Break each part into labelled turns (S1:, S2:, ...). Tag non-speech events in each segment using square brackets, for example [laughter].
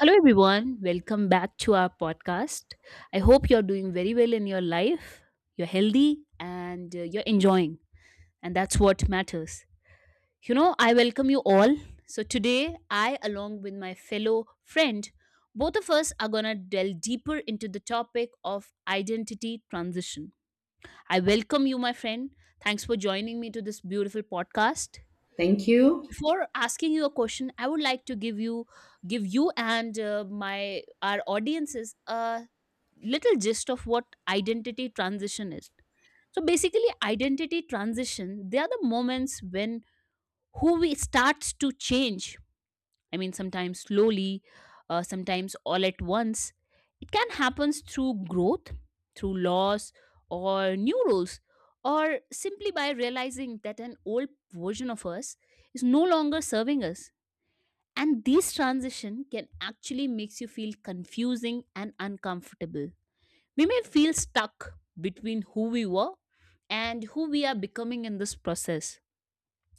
S1: Hello, everyone. Welcome back to our podcast. I hope you're doing very well in your life. You're healthy and you're enjoying, and that's what matters. You know, I welcome you all. So today, I, along with my fellow friend, both of us are gonna delve deeper into the topic of identity transition. I welcome you, my friend. Thanks for joining me to this beautiful podcast.
S2: Thank you.
S1: Before asking you a question, I would like to give you and my our audiences a little gist of what identity transition is. So basically, identity transition, they are the moments when who we starts to change. I mean, sometimes slowly, sometimes all at once. It can happen through growth, through loss, or new roles, or simply by realizing that an old version of us is no longer serving us. And these transition can actually makes you feel confusing and uncomfortable. We may feel stuck between who we were and who we are becoming in this process,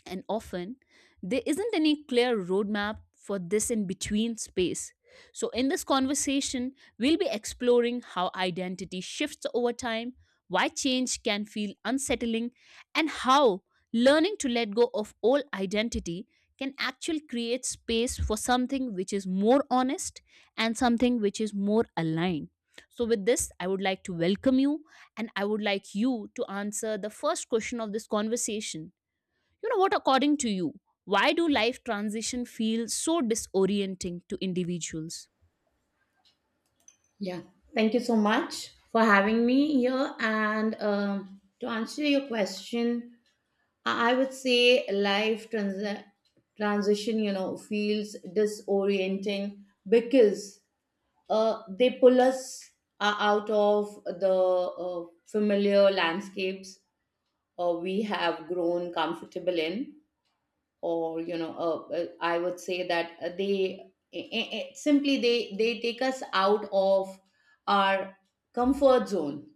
S1: and often, there isn't any clear roadmap for this in between space. So, in this conversation, we'll be exploring how identity shifts over time, why change can feel unsettling, and how learning to let go of all identity can actually create space for something which is more honest and something which is more aligned. So, with this, I would like to welcome you, and I would like you to answer the first question of this conversation. You know what, according to you, why do life transition feel so disorienting to individuals?
S2: Yeah. Thank you so much for having me here. And To answer your question, I would say transition, you know, feels disorienting because they pull us out of the familiar landscapes we have grown comfortable in. Or, I would say that they I- simply they take us out of our comfort zone.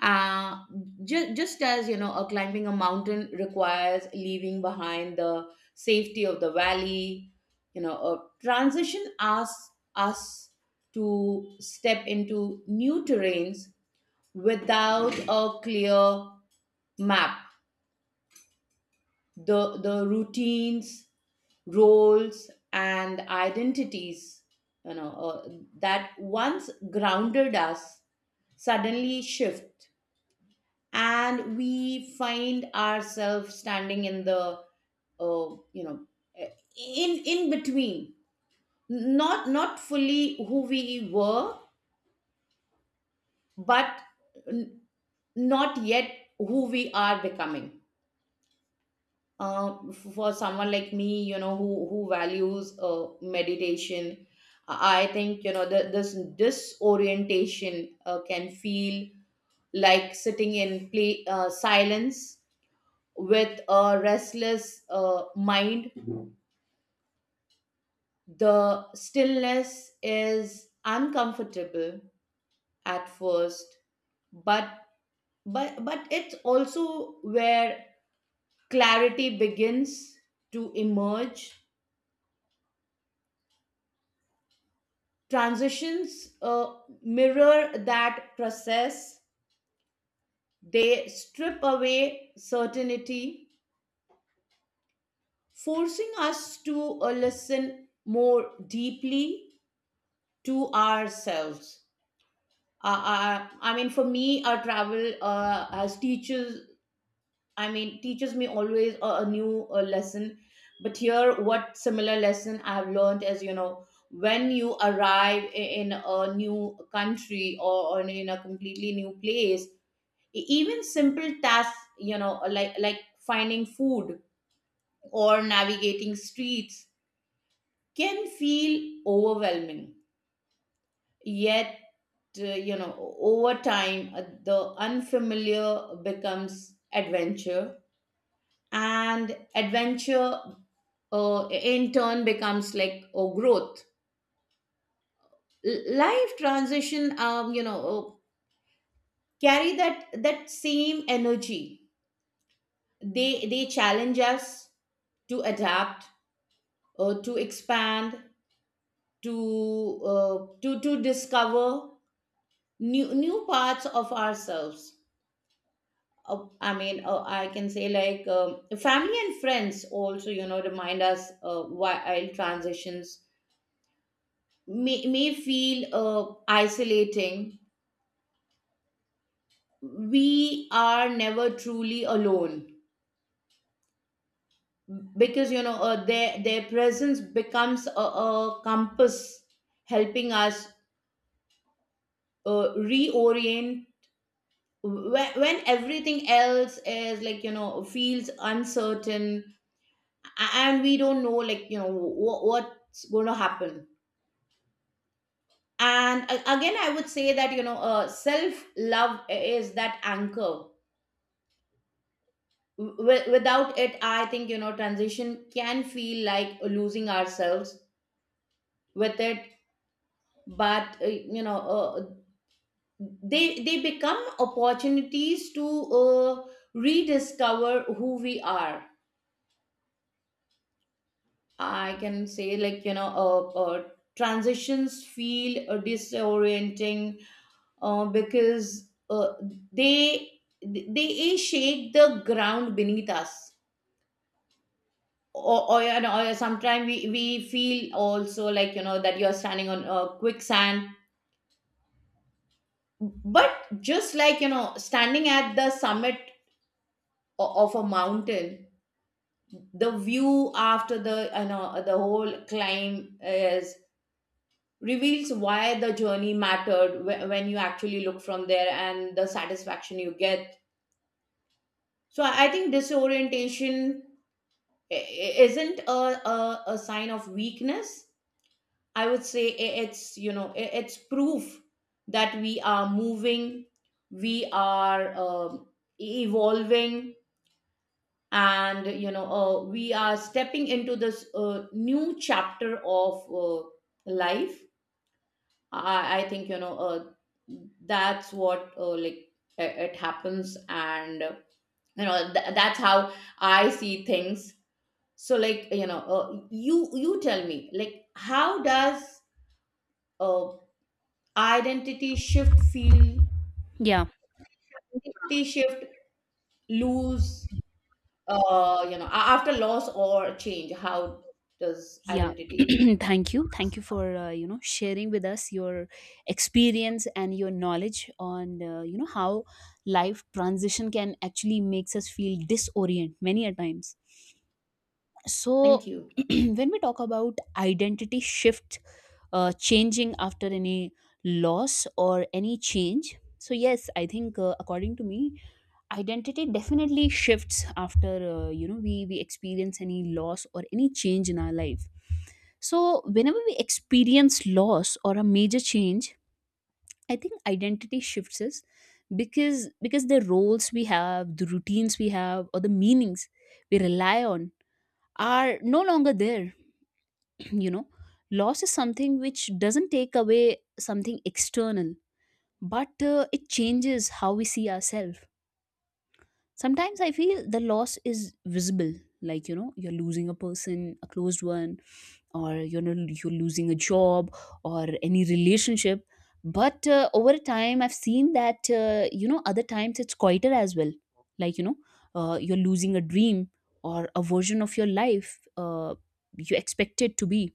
S2: uh, just as, you know, climbing a mountain requires leaving behind the safety of the valley, you know, transition asks us to step into new terrains without a clear map. The routines, roles and identities, you know uh, that once grounded us suddenly shift, and we find ourselves standing in the uh, you know in between, not fully who we were, but n- not yet who we are becoming. For someone like me, you know, who values meditation, I think, you know, this disorientation can feel like sitting in play silence with a restless mind. The stillness is uncomfortable at first, but but it's also where clarity begins to emerge. Transitions mirror that process. They strip away certainty, forcing us to listen more deeply to ourselves. I mean, for me, our travel as teachers, I mean, teaches me always a new lesson. But here, what similar lesson I've learned is, you know, when you arrive in a new country, or in a completely new place, even simple tasks, you know, like finding food or navigating streets, can feel overwhelming. Yet you know, over time the unfamiliar becomes adventure, and adventure in turn becomes like a growth. Life transition, you know, carry that same energy. They challenge us to adapt, to expand, to discover new parts of ourselves. I can say, like, family and friends also, you know, remind us while transitions may feel isolating, we are never truly alone, because, you know, their presence becomes a compass helping us reorient when everything else is, like, you know, feels uncertain, and we don't know, like, you know what's going to happen. And again, I would say that, you know, self love is that anchor. Without it, I think, you know, transition can feel like losing ourselves. With it, but they become opportunities to rediscover who we are. I can say, like, transitions feel disorienting because they they shake the ground beneath us. You know, or sometimes we feel also like, you know, that you're standing on quicksand. But just like, you know, standing at the summit of a mountain, the view after the, you know, the whole climb, is reveals why the journey mattered when you actually look from there and the satisfaction you get. I think disorientation isn't a sign of weakness. I would say it's, you know, it's proof that we are moving, we are evolving, and, you know, we are stepping into this new chapter of life. I think, you know, that's what, like, it happens, and you know, that's how I see things. So, like, you know, you tell me, like, how does uh, identity shift feel?
S1: Yeah.
S2: Identity shift, lose, you know, after loss or change? How does
S1: Yeah. [clears throat]
S2: identity?
S1: Thank you, thank you for you know, sharing with us your experience and your knowledge on you know, how life transition can actually makes us feel disorient many a times. So
S2: Thank you.
S1: [clears throat] when we talk about identity shift changing after any loss or any change, so yes, I think according to me, identity definitely shifts after you know, we experience any loss or any change in our life. So whenever we experience loss or a major change, I think identity shifts us, because the roles we have, the routines we have, or the meanings we rely on are no longer there. [clears throat] You know, loss is something which doesn't take away something external, but it changes how we see ourselves. Sometimes I feel the loss is visible, like you know, you're losing a person, a closed one, or you know, you're losing a job or any relationship. But over time, I've seen that you know, other times it's quieter as well, like you know, you're losing a dream or a version of your life uh, you expect it to be,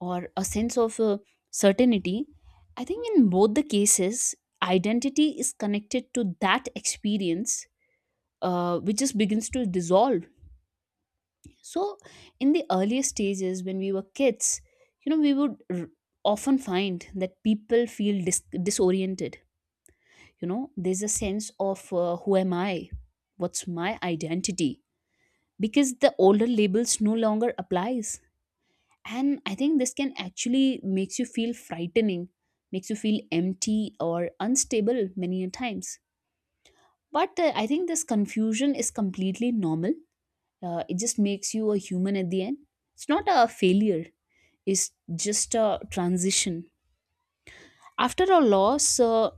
S1: or a sense of certainty. I think in both the cases, identity is connected to that experience which just begins to dissolve. So, in the earlier stages, when we were kids, you know, often find that people feel disoriented. You know, there's a sense of who am I? What's my identity? Because the older labels no longer applies. And I think this can actually makes you feel frightening, makes you feel empty or unstable many a times. But I think this confusion is completely normal. It just makes you a human at the end. It's not a failure, it's just a transition after a loss.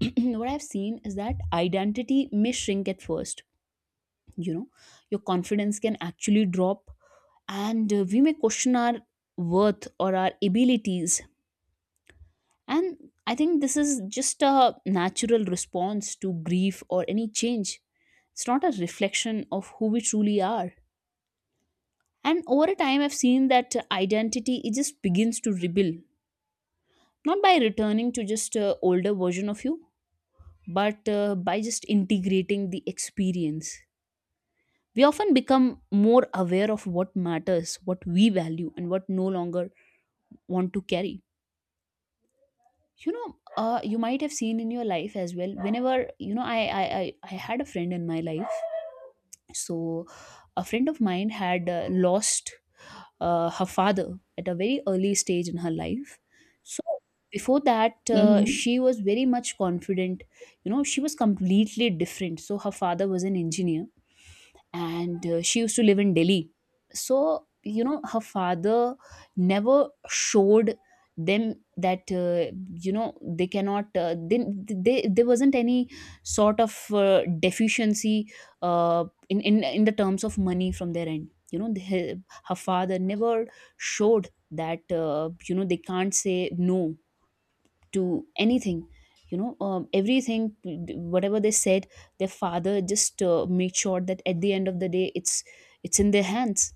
S1: [clears throat] What I've seen is that identity may shrink at first. You know, your confidence can actually drop, and we may question our worth or our abilities. And I think this is just a natural response to grief or any change. It's not a reflection of who we truly are. And over a time, I've seen that identity, it just begins to rebuild, not by returning to just older version of you, but by just integrating the experience. We often become more aware of what matters, what we value, and what no longer want to carry. You know, you might have seen in your life as well. Whenever, you know, I had a friend in my life. So a friend of mine had lost her father at a very early stage in her life. So before that,
S2: Hmm.
S1: she was very much confident. You know, she was completely different. So her father was an engineer, and she used to live in Delhi. So you know, her father never showed them that you know, they cannot they there wasn't any sort of deficiency in the terms of money from their end. You know, the, her father never showed that you know, they can't say no to anything. You know, everything whatever they said, their father just made sure that at the end of the day, it's in their hands.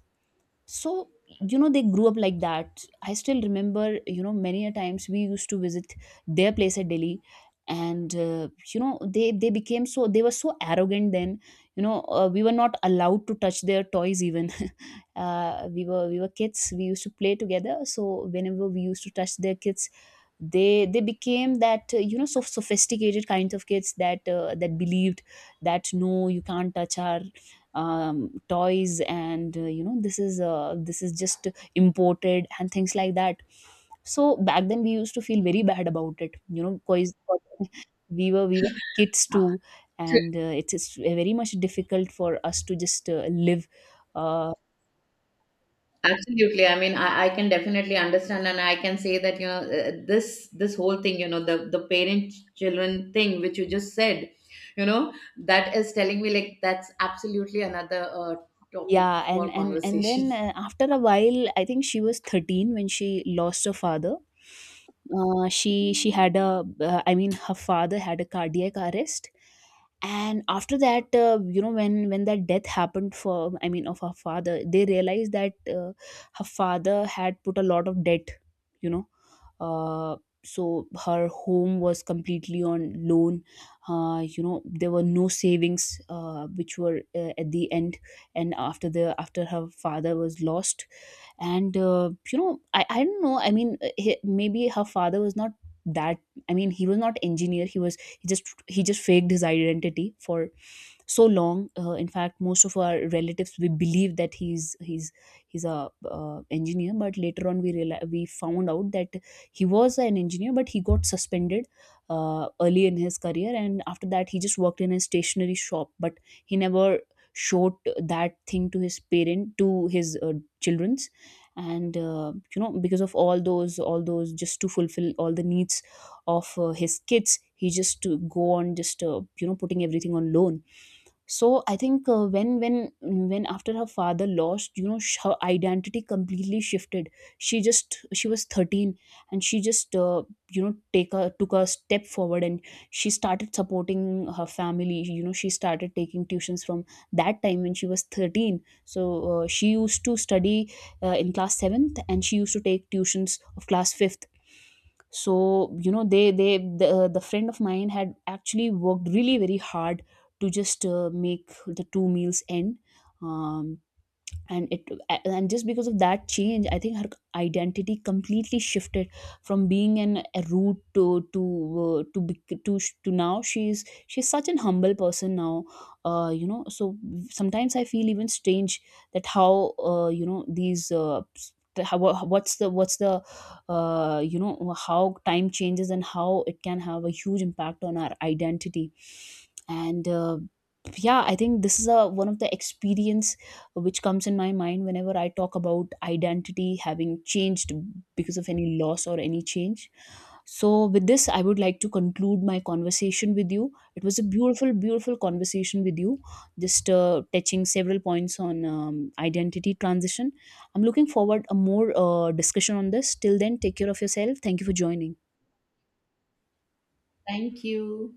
S1: So you know, they grew up like that. I still remember, you know, many a times we used to visit their place at Delhi, and you know, they were so arrogant then. You know, we were not allowed to touch their toys even. [laughs] We were, we were kids, we used to play together, so whenever we used to touch their kids, they became that, you know, so sophisticated kinds of kids that that believed that no, you can't touch our toys. And you know, this is just imported and things like that. So back then, we used to feel very bad about it, you know, because [laughs] we were kids too, and it's very much difficult for us to just live. uh,
S2: Absolutely. I mean, I can definitely understand, and I can say that, you know, this whole thing, you know, the parent children thing which you just said, you know, that is telling me, like, that's absolutely another topic
S1: yeah, and
S2: for
S1: and and
S2: conversation.
S1: then after a while, I think she was 13 when she lost her father. She had a, I mean, her father had a cardiac arrest. And after that, you know, when that death happened for, I mean, of her father, they realized that her father had put a lot of debt. You know, uh, so her home was completely on loan. You know, there were no savings which were at the end. And after her father was lost, and you know, I don't know. I mean, he, maybe her father was not that. I mean, he was not engineer, he was, he just faked his identity for so long. In fact, most of our relatives, we believe that he's a, engineer, but later on we found out that he was an engineer but he got suspended early in his career, and after that he just worked in a stationery shop. But he never showed that thing to his parent, to his children. And you know, because of all those just to fulfill all the needs of his kids, he just to go on just you know, putting everything on loan. So I think when after her father lost, you know, her identity completely shifted. She just, she was 13, and she just, you know, take a took a step forward and she started supporting her family. You know, she started taking tuitions from that time when she was 13. So she used to study in class 7th and she used to take tuitions of class 5th. So you know, the friend of mine had actually worked really very hard to just make the two meals end. um, and it, and just because of that change, I think her identity completely shifted from being an a root to now she's such an humble person now. You know, so sometimes I feel even strange that how, you know, these s- the- how, wha- what's the you know, how time changes and how it can have a huge impact on our identity. And yeah, I think this is a one of the experience which comes in my mind whenever I talk about identity having changed because of any loss or any change. So, with this, I would like to conclude my conversation with you. It was a beautiful, beautiful conversation with you, just touching several points on identity transition. I'm looking forward a more discussion on this. Till then, take care of yourself. Thank you for joining.
S2: [laughs] Thank you.